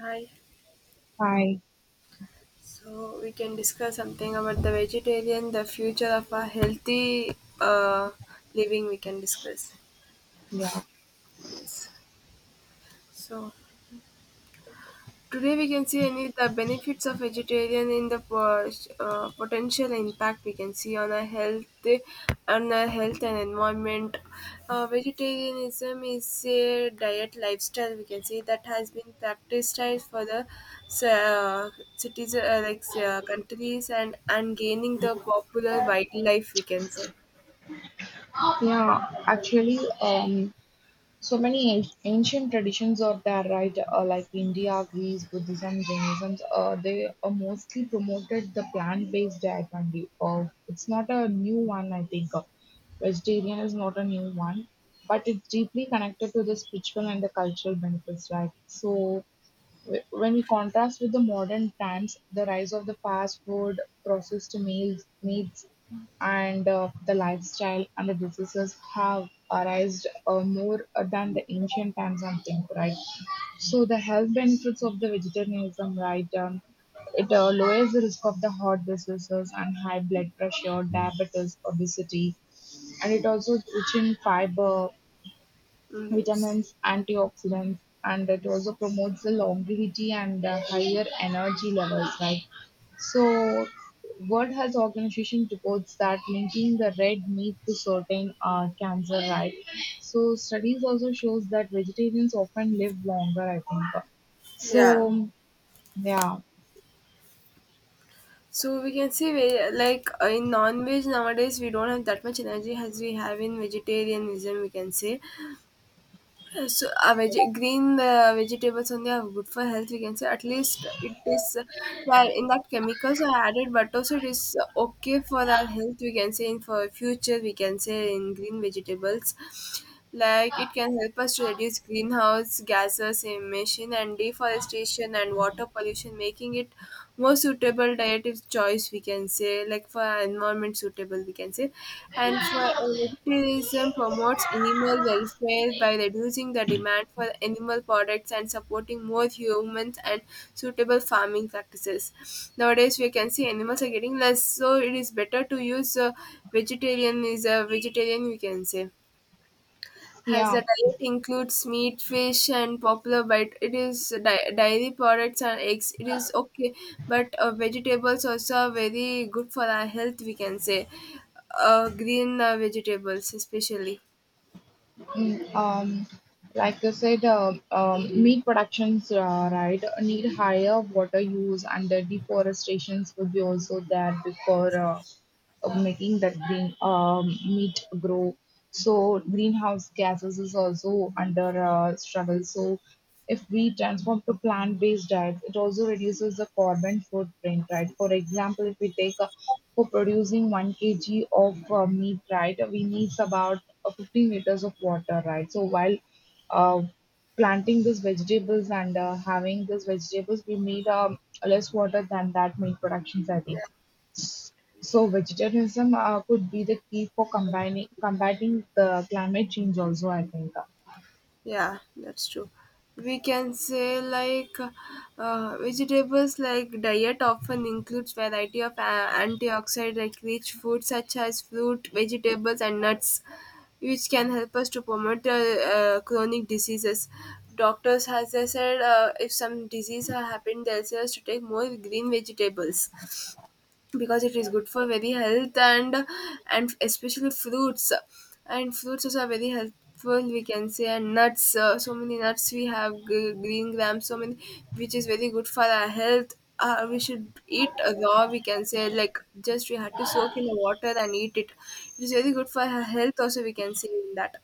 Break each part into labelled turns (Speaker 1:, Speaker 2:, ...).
Speaker 1: Hi.
Speaker 2: Hi,
Speaker 1: So we can discuss something about the vegetarian, the future of a healthy living. We can discuss.
Speaker 2: yeah,
Speaker 1: Yes. So today we can see any the benefits of vegetarian in the potential impact we can see on our health and environment. Vegetarianism is a diet lifestyle we can see that has been practiced for the uh, cities like countries and gaining the popular wildlife we can say.
Speaker 2: yeah. Actually, so many ancient traditions are there, right? Like India, Greece, Buddhism, Jainism. They mostly promoted the plant-based diet only. It's not a new one, I think. Vegetarian is not a new one, but it's deeply connected to the spiritual and the cultural benefits, right? So. When we contrast with the modern trends, the rise of the fast food, processed meals, meats, and the lifestyle and the diseases have arisen more than the ancient times, I think, right? So the health benefits of the vegetarianism, right? It lowers the risk of the heart diseases and high blood pressure, diabetes, obesity, and it also rich in fiber,
Speaker 1: Mm, yes.
Speaker 2: vitamins, antioxidants, and it also promotes the longevity and higher energy levels, right? So, World Health Organization reports that linking the red meat to certain cancer, right? So, studies also shows that vegetarians often live longer, I think.
Speaker 1: Yeah.
Speaker 2: So, yeah,
Speaker 1: So we can say we, like in non-veg nowadays we don't have that much energy as we have in vegetarianism we can say. So green vegetables only are good for health we can say, at least it is yeah, in that chemicals are added, but also it is okay for our health we can say in for future we can say in green vegetables, like it can help us to reduce greenhouse gases emission and deforestation and water pollution, making it more suitable diet is choice we can say like for our environment suitable we can say. And for vegetarianism promotes animal welfare by reducing the demand for animal products and supporting more humans and suitable farming practices, nowadays we can see animals are getting less, so it is better to use vegetarian is a vegetarian we can say, has the
Speaker 2: yeah.
Speaker 1: diet includes meat, fish, and popular bite, it is dairy products and eggs. It is okay, but vegetables also are very good for our health. We can say, green vegetables especially.
Speaker 2: Mm, like I said, meat productions, right, need higher water use, and the deforestations would be also there before of making that green meat grow. So greenhouse gases is also under struggle. So if we transform to plant-based diets, it also reduces the carbon footprint, right? For example, if we take a for producing one kg of meat, right, we need about 15 liters of water, right? So while uh, planting these vegetables and having these vegetables, we need less water than that meat productions, I think. So vegetarianism could be the key for combining combating the climate change also, I think.
Speaker 1: Yeah, that's true. We can say like vegetables like diet often includes variety of antioxidant like rich foods such as fruit, vegetables and nuts, which can help us to promote chronic diseases. Doctors has they said if some disease has happened, they'll say us to take more green vegetables because it is good for very health, and especially fruits and fruits also are very helpful we can say, and nuts so many nuts we have green grams, so many which is very good for our health, we should eat raw we can say, like just we had to soak in the water and eat it, it is very good for our health also we can say in that.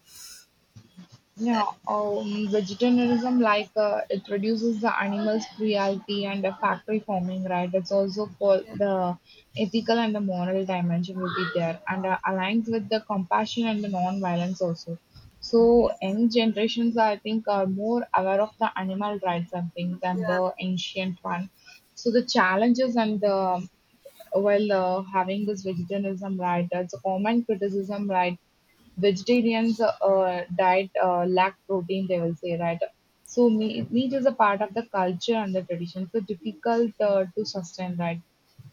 Speaker 2: Yeah, vegetarianism, like it reduces the animals' cruelty and the factory farming, right? It's also called
Speaker 1: Yeah.
Speaker 2: the ethical and the moral dimension will be there, and aligns with the compassion and the non-violence also. So,
Speaker 1: Yes.
Speaker 2: young generations, I think, are more aware of the animal rights and things than
Speaker 1: Yeah.
Speaker 2: the ancient one. So, the challenges and the while having this vegetarianism, right, that's a common criticism, right. Vegetarians diet lack protein, they will say, right. So meat, meat is a part of the culture and the tradition, so difficult to sustain, right.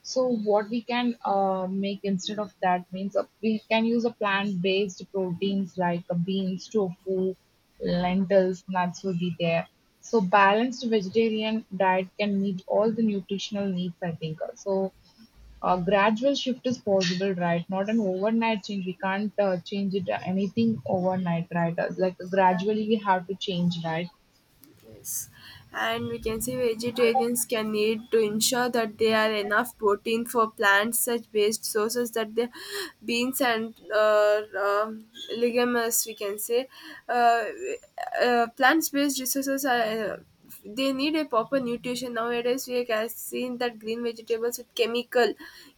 Speaker 2: So what we can make instead of that means we can use a plant-based proteins like beans, tofu, lentils, nuts will be there. So balanced vegetarian diet can meet all the nutritional needs, I think. So a gradual shift is possible, right? Not an overnight change. We can't change it anything overnight, right? Like gradually we have to change, right?
Speaker 1: Yes. And we can say vegetarians can need to ensure that they are enough protein for plants such based sources that the beans and uh, um legumes we can say, uh, plants based resources are they need a proper nutrition, nowadays we have seen that green vegetables with chemical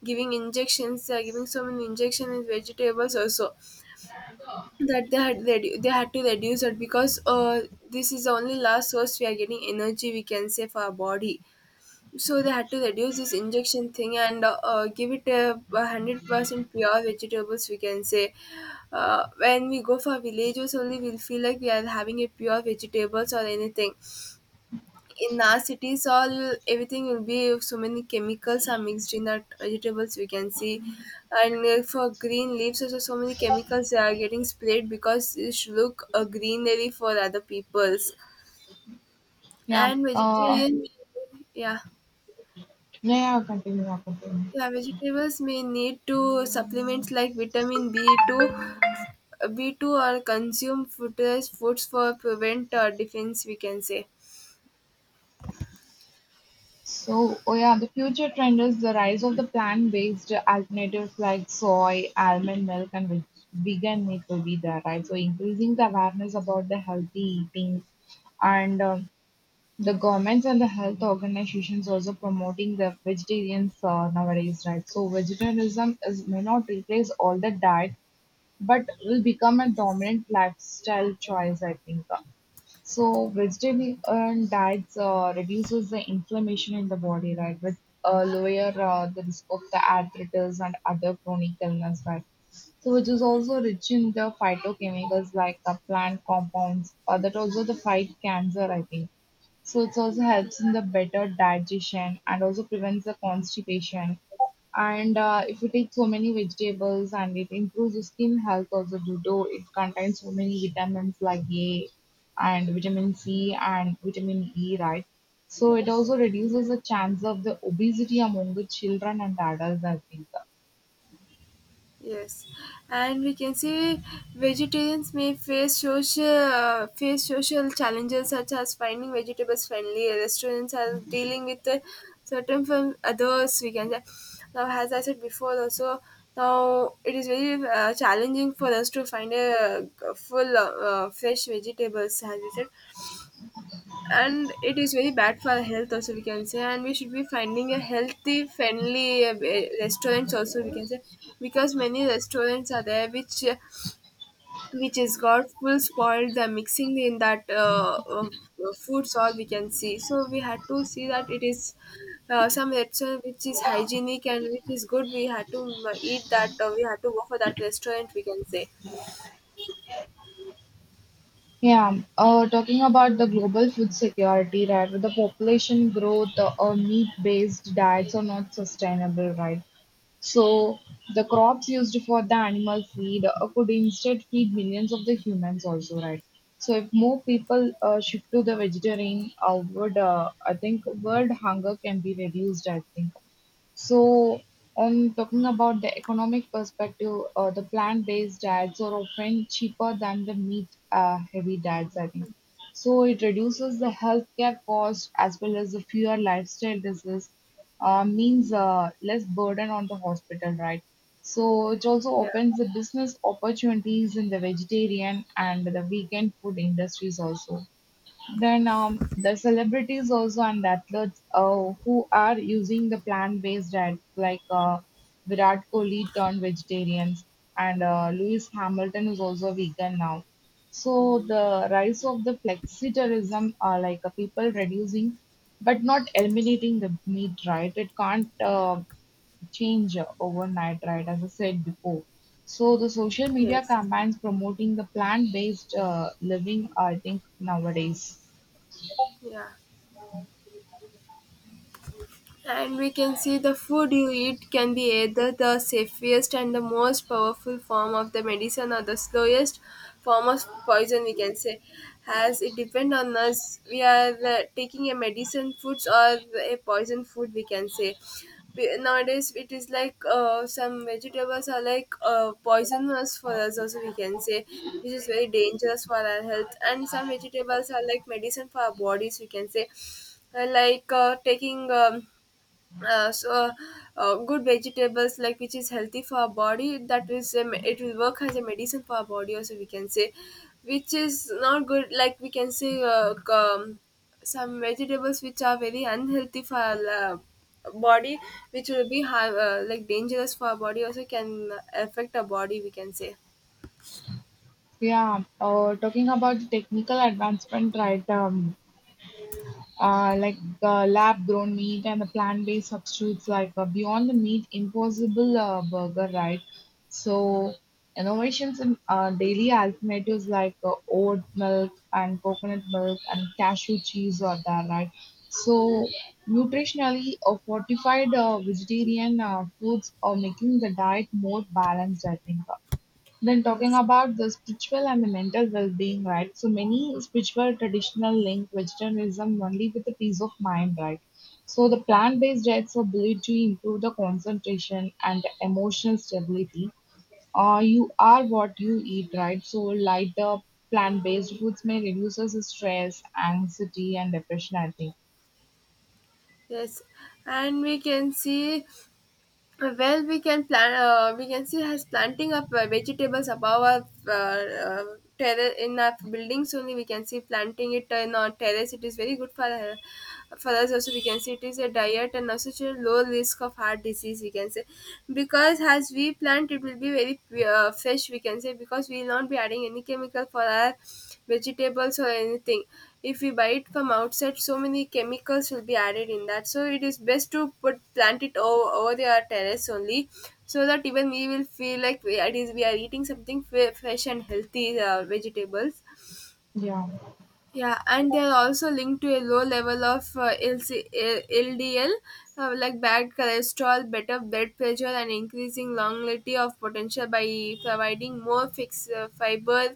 Speaker 1: giving injections, they are giving so many injections in vegetables also, that they had they had to reduce it, because this is the only last source we are getting energy we can say for our body, so they had to reduce this injection thing and give it a 100% pure vegetables we can say. When we go for villages only, we'll feel like we are having a pure vegetables or anything. In our cities all, everything will be so many chemicals are mixed in that vegetables we can see. And for green leaves also, so many chemicals they are getting sprayed because it should look a greenery for other peoples.
Speaker 2: Yeah.
Speaker 1: And vegetarian, yeah.
Speaker 2: Yeah. Yeah. Continue. Yeah, continue.
Speaker 1: Yeah. Vegetables may need to supplements like vitamin B2 or consume fruitless foods for prevent defense we can say.
Speaker 2: So, oh yeah, the future trend is the rise of the plant-based alternatives like soy, almond milk, and vegan meat will be there, right? So, increasing the awareness about the healthy eating and the governments and the health organizations also promoting the vegetarians nowadays, right? So vegetarianism is may not replace all the diet, but will become a dominant lifestyle choice, I think. So vegetarian diets reduces the inflammation in the body, right? With lower the risk of the arthritis and other chronic illness, right? So which is also rich in the phytochemicals like the plant compounds, that also the fight cancer, I think. So it also helps in the better digestion and also prevents the constipation and if you take so many vegetables, and it improves your skin health also due to it contains so many vitamins like A and vitamin C and vitamin E, right? So it also reduces
Speaker 1: Yes.
Speaker 2: the chance of the obesity among the children and adults, I think.
Speaker 1: Yes, and we can see vegetarians may face social challenges such as finding vegetables friendly restaurants are dealing with certain from others. We can say, now, as I said before, also now it is very challenging for us to find a, full fresh vegetables, as we said. And it is very bad for our health also we can say, and we should be finding a healthy friendly restaurants also we can say, because many restaurants are there which is got full spoiled the mixing in that foods all we can see. So we had to see that it is some restaurant which is hygienic and which is good, we had to eat that we had to go for that restaurant we can say.
Speaker 2: Yeah, talking about the global food security, right? With the population growth, meat-based diets are not sustainable, right? So the crops used for the animal feed could instead feed millions of the humans also, right? So if more people shift to the vegetarian, would I think world hunger can be reduced? I think so, on talking about the economic perspective, the plant-based diets are often cheaper than the meat-heavy diets, I think. So, it reduces the healthcare cost as well as the fewer lifestyle disease, means less burden on the hospital, right? So, it also
Speaker 1: Yeah.
Speaker 2: opens the business opportunities in the vegetarian and the vegan food industries also. Then the celebrities also and athletes who are using the plant-based diet, like Virat Kohli turned vegetarians, and Lewis Hamilton is also vegan now. So the rise of the flexitarianism are like people reducing, but not eliminating the meat, right? It can't change overnight, right? As I said before. So the social media
Speaker 1: Yes.
Speaker 2: campaigns promoting the plant-based living, I think nowadays.
Speaker 1: Yeah. And we can see the food you eat can be either the safest and the most powerful form of the medicine or the slowest form of poison, we can say. As it depend on us, we are taking a medicine foods or a poison food, we can say. Nowadays, it is like some vegetables are like poisonous for us, also, we can say, which is very dangerous for our health. And some vegetables are like medicine for our bodies, we can say. Like taking. So Good vegetables like which is healthy for our body, that is it will work as a medicine for our body also we can say. Which is not good, like we can say some vegetables which are very unhealthy for our body, which will be like dangerous for our body, also can affect our body we can say.
Speaker 2: Yeah, talking about the technical advancement, right? Like lab-grown meat and the plant-based substitutes, like Beyond the Meat Impossible Burger, right? So innovations in daily alternatives like oat milk and coconut milk and cashew cheese are there, right? So nutritionally, fortified vegetarian foods are making the diet more balanced, I think. Then talking
Speaker 1: Yes.
Speaker 2: about the spiritual and the mental well-being, right? So many spiritual traditional link vegetarianism only with the peace of mind, right? So the plant-based diets are believed to improve the concentration and the emotional stability. You are what you eat, right? So lighter plant-based foods may reduce the stress, anxiety, and depression, I think.
Speaker 1: Yes, and we can see. Well, we can plant. We can see us planting of vegetables above our terrace in our buildings. Only we can see planting it in our terrace. It is very good for us. Also, we can see it is a diet and also such a low risk of heart disease. We can say because as we plant, it will be very fresh we can say, because we will not be adding any chemical for our vegetables or anything. If we buy it from outside, so many chemicals will be added in that, so it is best to put plant it over their terrace only, so that even we will feel like we, it is, we are eating something fresh and healthy vegetables.
Speaker 2: Yeah.
Speaker 1: Yeah, and they are also linked to a low level of LC, LDL, like bad cholesterol, better blood pressure, and increasing longevity of potential by providing more fixed fiber,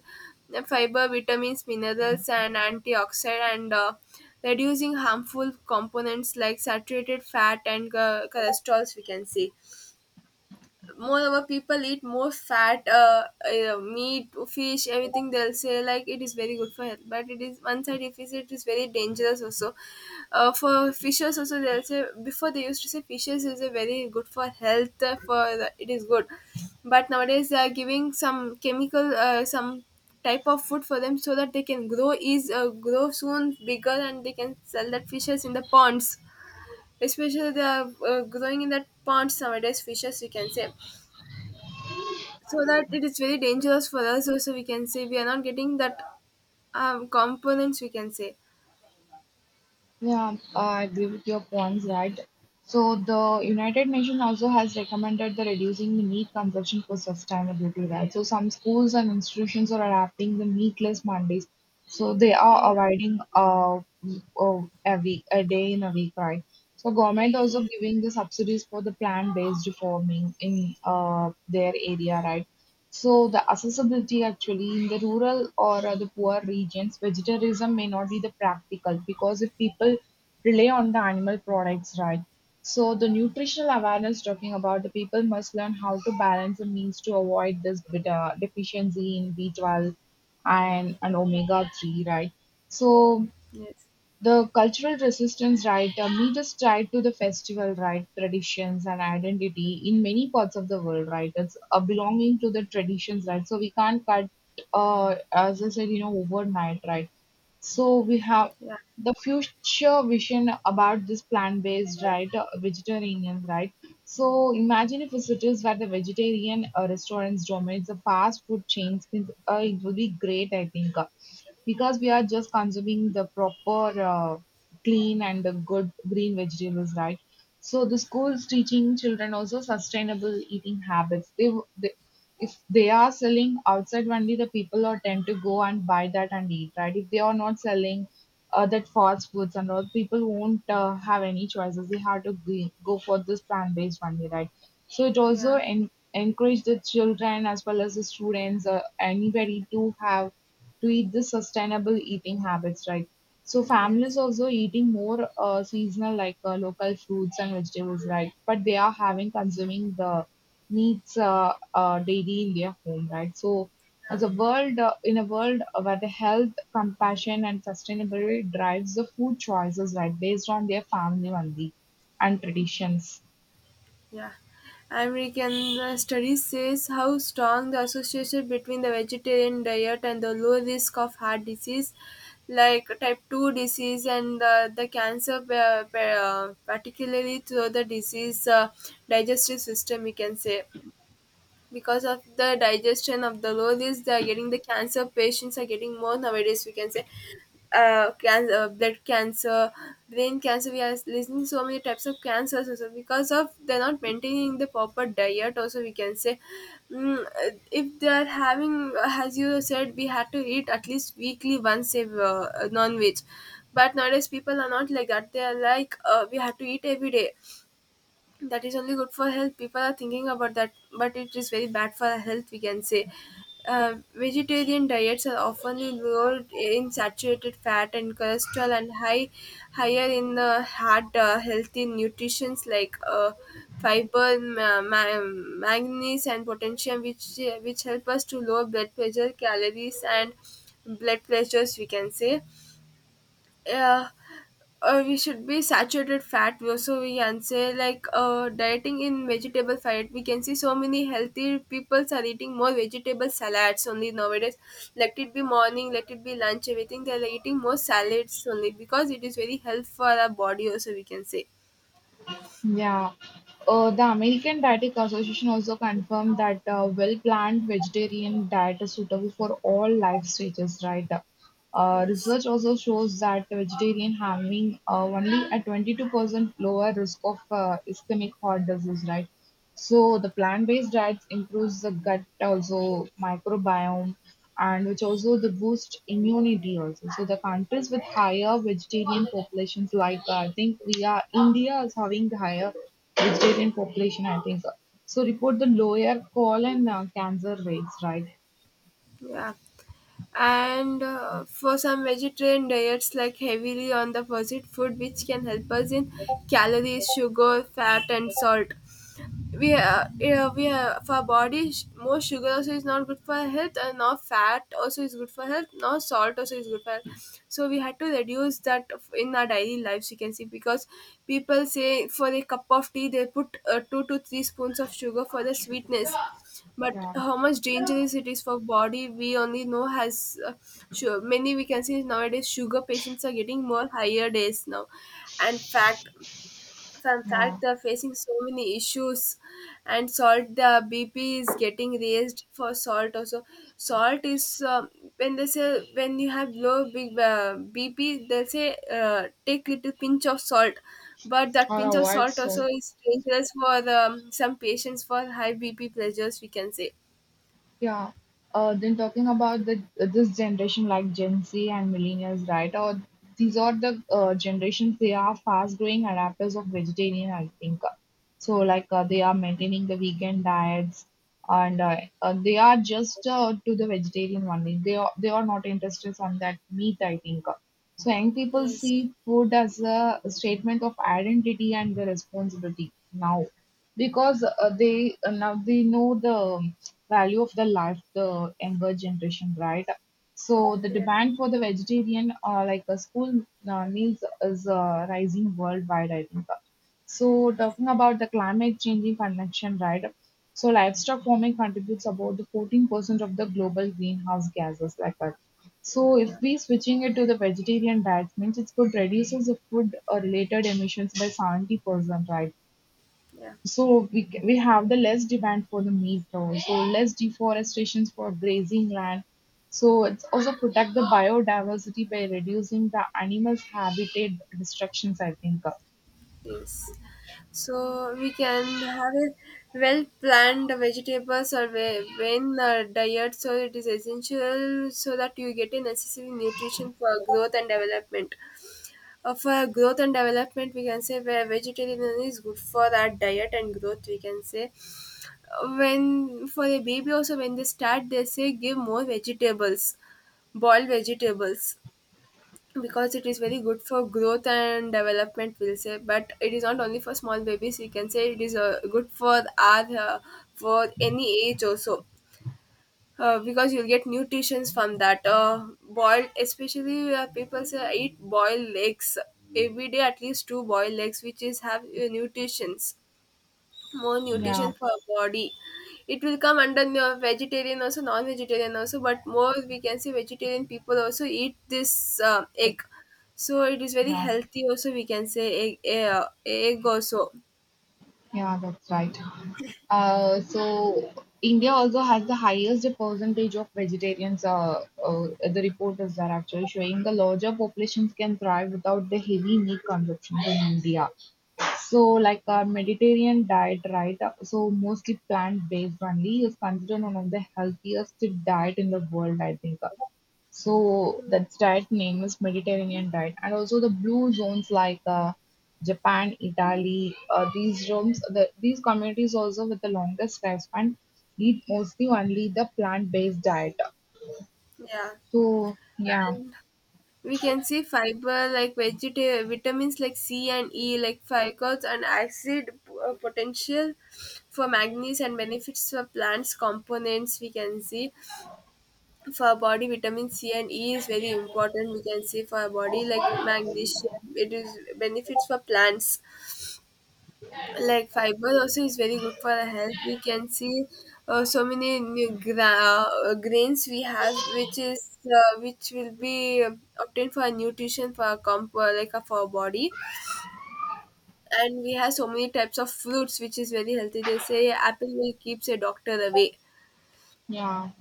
Speaker 1: fiber, vitamins, minerals, and antioxidant, and reducing harmful components like saturated fat and cholesterol. We can see, moreover, people eat more fat meat fish everything, they'll say like it is very good for health, but it is one side, if you it is very dangerous also. For fishes also they'll say before they used to say fishes is a very good for health, for the, it is good, but nowadays they are giving some chemical some type of food for them so that they can grow soon bigger and they can sell that fishes in the ponds, especially they are growing in that ponds nowadays fishes we can say. So that it is very dangerous for us also we can say, we are not getting that components we can say.
Speaker 2: Yeah, I agree with your points, right? So the United Nations also has recommended the reducing the meat consumption for sustainability, right? So some schools and institutions are adapting the meatless Mondays. So they
Speaker 1: Yeah,
Speaker 2: are avoiding a week, a day in a week, right? So government
Speaker 1: yeah.
Speaker 2: also giving the subsidies for the plant-based farming in their area, right? So the accessibility actually in the rural or the poor regions, vegetarianism may not be the practical because if people rely on the animal products, right? So the nutritional awareness talking about the people must learn how to balance the means to avoid this bit, deficiency in B12 and omega 3, right? So
Speaker 1: Yes.
Speaker 2: the cultural resistance, right, riot damages tied to the festival, right, traditions and identity in many parts of the world, right, it's belonging to the traditions, right, so we can't cut as I said, you know, overnight, right, so we have
Speaker 1: Yeah.
Speaker 2: the future vision about this plant-based, right? Vegetarian, right? So imagine if cities where the vegetarian restaurants dominate the fast food chains, it will be great, I think, because we are just consuming the proper, clean and the good green vegetables, right? So the schools teaching children also sustainable eating habits. They, they if they are selling outside only, the people are tend to go and buy that and eat, right? If they are not selling that fast foods and all, people won't have any choices. They have to go for this plant based only, right? So it also
Speaker 1: Yeah.
Speaker 2: encourage the children as well as the students, anybody to have to eat the sustainable eating habits, right? So families
Speaker 1: Yes.
Speaker 2: also eating more seasonal like local fruits and vegetables, right? But they are having consuming the meats daily in their home, right? So as a world in a world where the health, compassion, and sustainability drives the food choices, right, based on their family only and traditions.
Speaker 1: Yeah. American studies says how strong the association between the vegetarian diet and the low risk of heart disease, like type 2 disease and the cancer particularly through the disease, digestive system we can say. Because of the digestion of the lollies they are getting, the cancer patients are getting more nowadays we can say. Blood cancer, brain cancer, we are listening so many types of cancers also because of they're not maintaining the proper diet also we can say. If they are having, as you said, we had to eat at least weekly once a non-veg, but nowadays people are not like that, they are like we have to eat every day, that is only good for health, people are thinking about that, but it is very bad for our health we can say. Vegetarian diets are often low in saturated fat and cholesterol and higher in heart healthy nutrients like fiber, manganese and potassium which help us to lower blood pressure calories and blood pressures we can say. Yeah. We should be saturated fat we also we can say, like dieting in vegetable fat we can see, so many healthy peoples are eating more vegetable salads only nowadays, let it be morning, let it be lunch, everything they're eating more salads only because it is very health for our body also we can say.
Speaker 2: Yeah. The American Dietetic Association also confirmed that a well-planned vegetarian diet is suitable for all life stages, right?
Speaker 1: Yes.
Speaker 2: Research also shows that vegetarian having only a 22% lower risk of ischemic heart disease, right? So the plant-based diets improves the gut also microbiome and which also the boost immunity also. So the countries with higher vegetarian populations like I think we are India is having the higher vegetarian population, I think. So report the lower colon cancer rates, right?
Speaker 1: Yeah. And for some vegetarian diets, like heavily on the processed food, which can help us in calories, sugar, fat, and salt. We have, yeah, we have for our body more sugar also is not good for health and now fat also is good for health, now salt also is good for health, so we had to reduce that in our daily lives, you can see. Because people say for a cup of tea they put two to three spoons of sugar for the sweetness, but
Speaker 2: Yeah,
Speaker 1: how much dangerous it is for body we only know. Has Sure, many we can see nowadays sugar patients are getting more higher days now, and fat, from
Speaker 2: yeah,
Speaker 1: fact, they're facing so many issues, and salt. The BP is getting raised for salt also. Salt is when they say, when you have low big BP, they say take little pinch of salt, but that
Speaker 2: or
Speaker 1: pinch of
Speaker 2: avoid
Speaker 1: salt
Speaker 2: soy.
Speaker 1: also is dangerous for some patients for high BP pressures, we can say.
Speaker 2: Yeah. Then talking about the this generation like Gen Z and millennials, right? Or these are the generations. They are fast growing adapters of vegetarian, I think. So like they are maintaining the vegan diets, and they are just to the vegetarian only. They are not interested on that meat, I think. So young people
Speaker 1: Yes,
Speaker 2: see food as a statement of identity and the responsibility now because they now they know the value of the life the younger generation, right? So the
Speaker 1: yeah,
Speaker 2: demand for the vegetarian school meals is rising worldwide, I think. So
Speaker 1: yes,
Speaker 2: talking about the climate changing connection, right? So livestock farming contributes about the 14% of the global greenhouse gases like that. So if
Speaker 1: yeah,
Speaker 2: we switching it to the vegetarian diet means it could reduces the food related emissions by 70%, right?
Speaker 1: yeah.
Speaker 2: So we have the less demand for the meat cow, so less deforestations for grazing land. So it's also protect the biodiversity by reducing the animals' habitat destructions, I think.
Speaker 1: Yes. So we can have a well planned vegetables or vein diet. So it is essential so that you get a necessary nutrition for growth and development. For growth and development, we can say where vegetarian is good for that diet and growth, we can say. When for a baby also when they start, they say give more vegetables, boiled vegetables, because it is very good for growth and development, we'll say. But it is not only for small babies, we can say. It is good for our for any age also, because you'll get nutritions from that boiled, especially people say eat boiled eggs every day, at least two boiled eggs, which is have nutritions, more nutrition
Speaker 2: Yeah,
Speaker 1: for our body. It will come under vegetarian also, non-vegetarian also, but more we can say vegetarian people also eat this egg. So it is very
Speaker 2: yeah,
Speaker 1: healthy also, we can say, egg, egg also.
Speaker 2: yeah. That's right. So India also has the highest percentage of vegetarians. The report is that actually showing the larger populations can thrive without the heavy meat consumption in India. So, like our Mediterranean diet, right? So, mostly plant-based only is considered one of the healthiest diet in the world, I think. So that diet name is Mediterranean diet, and also the blue zones like Japan, Italy, these zones, these communities also with the longest lifespan eat mostly only the plant-based diet.
Speaker 1: Yeah.
Speaker 2: So yeah,
Speaker 1: And we can see fiber like vitamins like C and E, like fibrous and acid, potential for manganese and benefits for plants components we can see. For our body vitamin c and e is very important, we can say. For our body, like magnesium, it is benefits for plants, like fiber also is very good for our health, we can see. So many new grains we have, which is which will be obtained for our nutrition, for our like for our body. And we have so many types of fruits which is very healthy. They say apple will keeps a doctor away.
Speaker 2: yeah,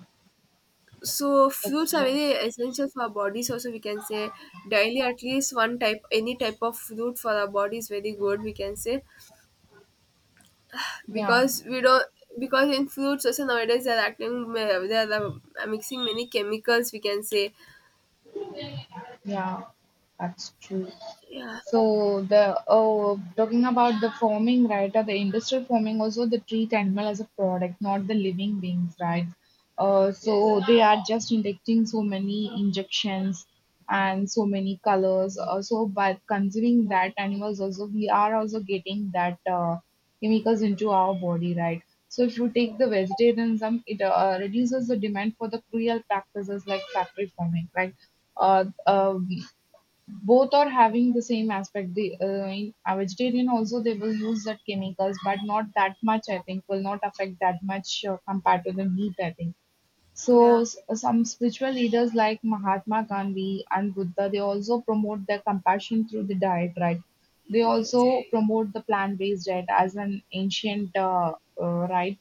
Speaker 1: So fruits
Speaker 2: that's
Speaker 1: are
Speaker 2: right.
Speaker 1: very essential for our bodies also, we can say. Daily at least one type, any type of fruit for our body is very good, we can say.
Speaker 2: Yeah.
Speaker 1: Because we don't, because in fruits also nowadays they are acting, they are mixing many chemicals, we can say.
Speaker 2: Yeah, that's true.
Speaker 1: Yeah,
Speaker 2: So the oh, talking about the farming, right? Or the industrial farming also they treat animal as a product, not the living beings, right? So they are just injecting so many injections and so many colors. So by consuming that animals, also we are also getting that chemicals into our body, right? So if you take the vegetarianism, it reduces the demand for the cruel practices like factory farming, right? uh, um, Both are having the same aspect. The in a vegetarian also they will use that chemicals, but not that much. I think will not affect that much compared to the meat, I think. So
Speaker 1: yeah,
Speaker 2: some spiritual leaders like Mahatma Gandhi and Buddha, they also promote their compassion through the diet, right? They
Speaker 1: yes,
Speaker 2: also promote the plant-based diet as an ancient right.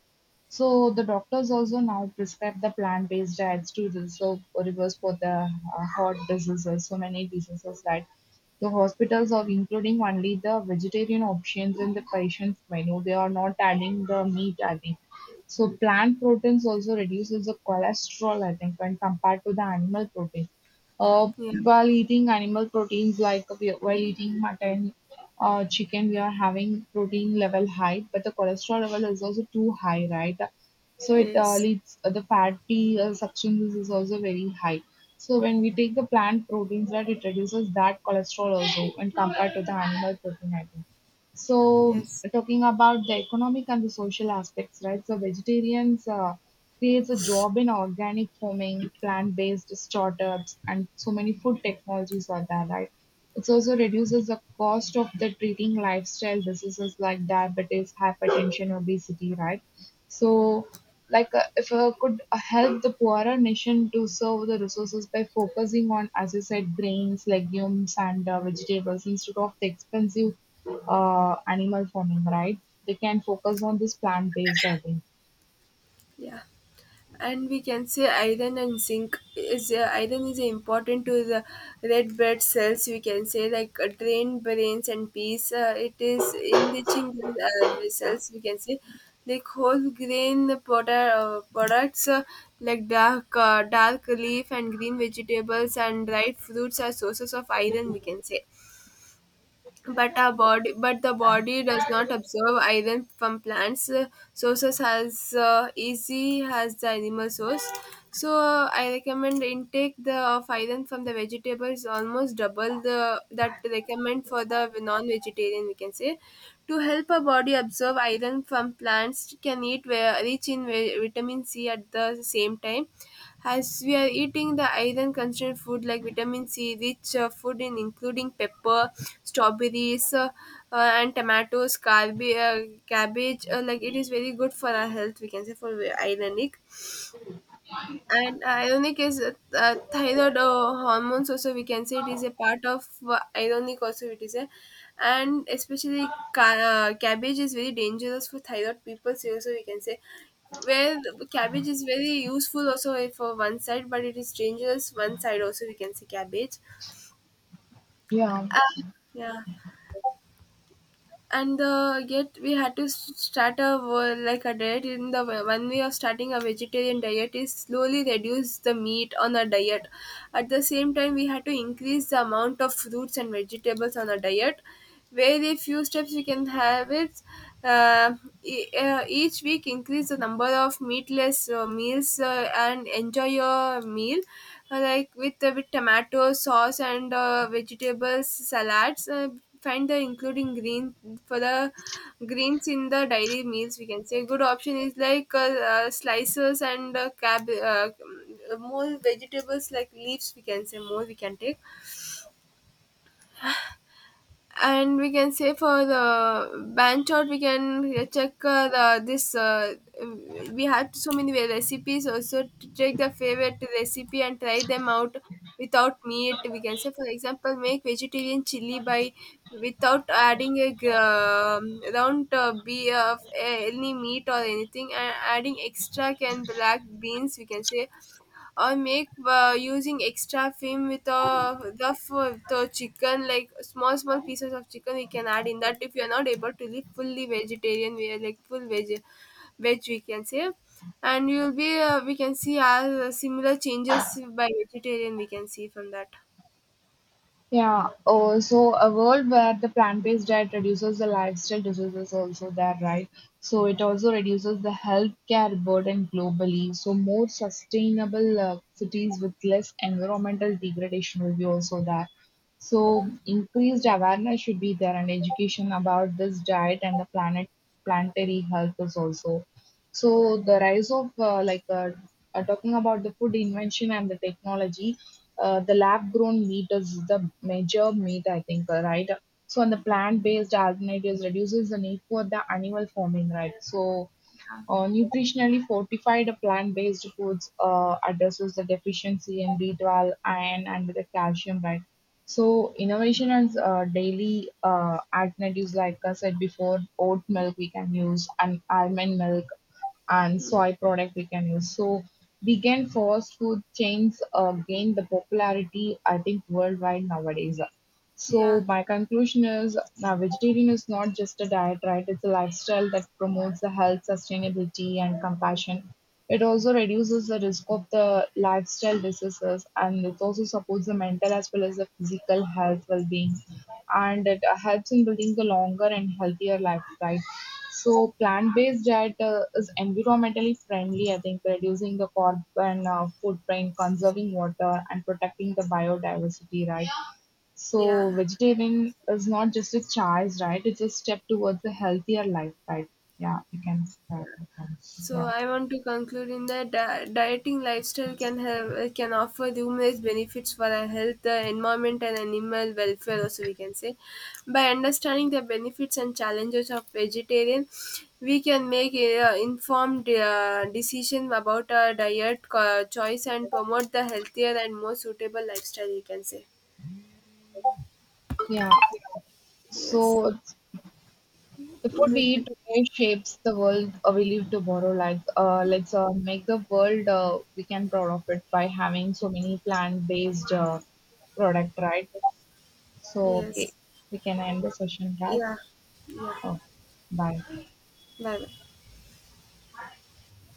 Speaker 2: So the doctors also now prescribe the plant-based diets to the so reverse for the heart diseases, so many diseases that the hospitals are including only the vegetarian options in the patient's menu. They are not adding the meat, I think. So plant proteins also reduces the cholesterol, I think, when compared to the animal protein.
Speaker 1: yeah,
Speaker 2: While eating animal proteins, like while eating mutton, chicken, we are having protein level high, but the cholesterol level is also too high, right? So it
Speaker 1: yes,
Speaker 2: leads the fatty substances is also very high. So when we take the plant proteins, right, it reduces that cholesterol also when compared to the animal protein, I think. So,
Speaker 1: yes,
Speaker 2: talking about the economic and the social aspects, right? So, vegetarians creates a job in organic farming, plant-based startups, and so many food technologies are there, right? It also reduces the cost of the treating lifestyle diseases like diabetes, hypertension, obesity, right? So, like, if I could help the poorer nation to serve the resources by focusing on, as I said, grains, legumes, and vegetables instead of the expensive animal farming, right? They can focus on this plant based, I think.
Speaker 1: yeah. And we can say iron and zinc is iron is important to the red blood cells, we can say, like drain brains and peas. It is enriching the cells, we can say. Like whole grain product, products, like dark leaf and green vegetables and dried fruits are sources of iron, we can say. But our body, but the body does not absorb iron from plants sources as easy as the animal source. So I recommend intake the of iron from the vegetables almost double the that recommend for the non-vegetarian, we can say. To help our body absorb iron from plants, can eat where rich in vitamin c at the same time as we are eating the iron constrained food, like vitamin C rich food in including pepper, strawberries, and tomatoes, cabbage, like it is very good for our health, we can say, for ironic. And ionic is thyroid hormones also, we can say. It is a part of ionic also. It is a, and especially cabbage is very dangerous for thyroid people, so also we can say where cabbage is very useful also for one side, but it is dangerous one side also, we can say, cabbage.
Speaker 2: Yeah.
Speaker 1: Uh, yeah. And yet we had to start a like a diet in the one way of starting a vegetarian diet is slowly reduce the meat on the diet. At the same time we had to increase the amount of fruits and vegetables on the diet. Very few steps we can have it. uh, each week increase the number of meatless meals and enjoy your meal, like with tomato sauce and vegetables salads. Find the including green for the greens in the daily meals, we can say. Good option is like slices and more vegetables like leaves, we can say, more we can take. And we can say for the branch out we can check the this, we have so many recipes also. To take the favorite recipe and try them out without meat, we can say. For example, make vegetarian chili by without adding a round be of any meat or anything, and adding extra can black beans, we can say. Or make using extra film with the the chicken, like small small pieces of chicken we can add in that, if you are not able to live fully vegetarian. We are like full veg, veg, we can say. And we will be we can see similar changes by vegetarian we can see from that.
Speaker 2: Yeah, oh, so a world where the plant-based diet reduces the lifestyle diseases also there, right? So it also reduces the healthcare burden globally. So more sustainable cities with less environmental degradation will be also there. So increased awareness should be there and education about this diet and the planetary health is also. So the rise of talking about the food invention and the technology, the lab grown meat is the major meat, I think, right. So and the plant based alternatives reduces the need for the animal farming, right. So nutritionally fortified plant-based foods addresses the deficiency in B12, iron, and the calcium, right? So innovation and daily alternatives, like I said before, oat milk we can use, and almond milk, and
Speaker 1: Mm.
Speaker 2: soy product we can use. So vegan fast food chains gain the popularity, I think, worldwide nowadays. So
Speaker 1: Yeah,
Speaker 2: my conclusion is, vegetarian is not just a diet, right? It's a lifestyle that promotes the health, sustainability, and compassion. It also reduces the risk of the lifestyle diseases, and it also supports the mental as well as the physical health well-being, and it helps in building the longer and healthier life, right? So plant-based diet is environmentally friendly. I think reducing the carbon footprint, conserving water, and protecting the biodiversity, right? So
Speaker 1: yeah,
Speaker 2: vegetarian is not just a choice, right? It's a step towards a healthier life, right? Yeah, you can say that.
Speaker 1: yeah. So
Speaker 2: Yeah.
Speaker 1: I want to conclude in that dieting lifestyle can have can offer numerous benefits for our health, the environment, and animal welfare also, we can say. By understanding the benefits and challenges of vegetarian, we can make informed decision about our diet choice and promote the healthier and more suitable lifestyle, we can say.
Speaker 2: Yeah.
Speaker 1: Yes,
Speaker 2: So it's- the food we
Speaker 1: we can,
Speaker 2: eat today shapes the world we live tomorrow. Let's make the world we can proud of it by having so many plant-based product, right? So okay,
Speaker 1: yes,
Speaker 2: we can end the session, right?
Speaker 1: yeah, yeah.
Speaker 2: Oh, bye.
Speaker 1: Bye bye.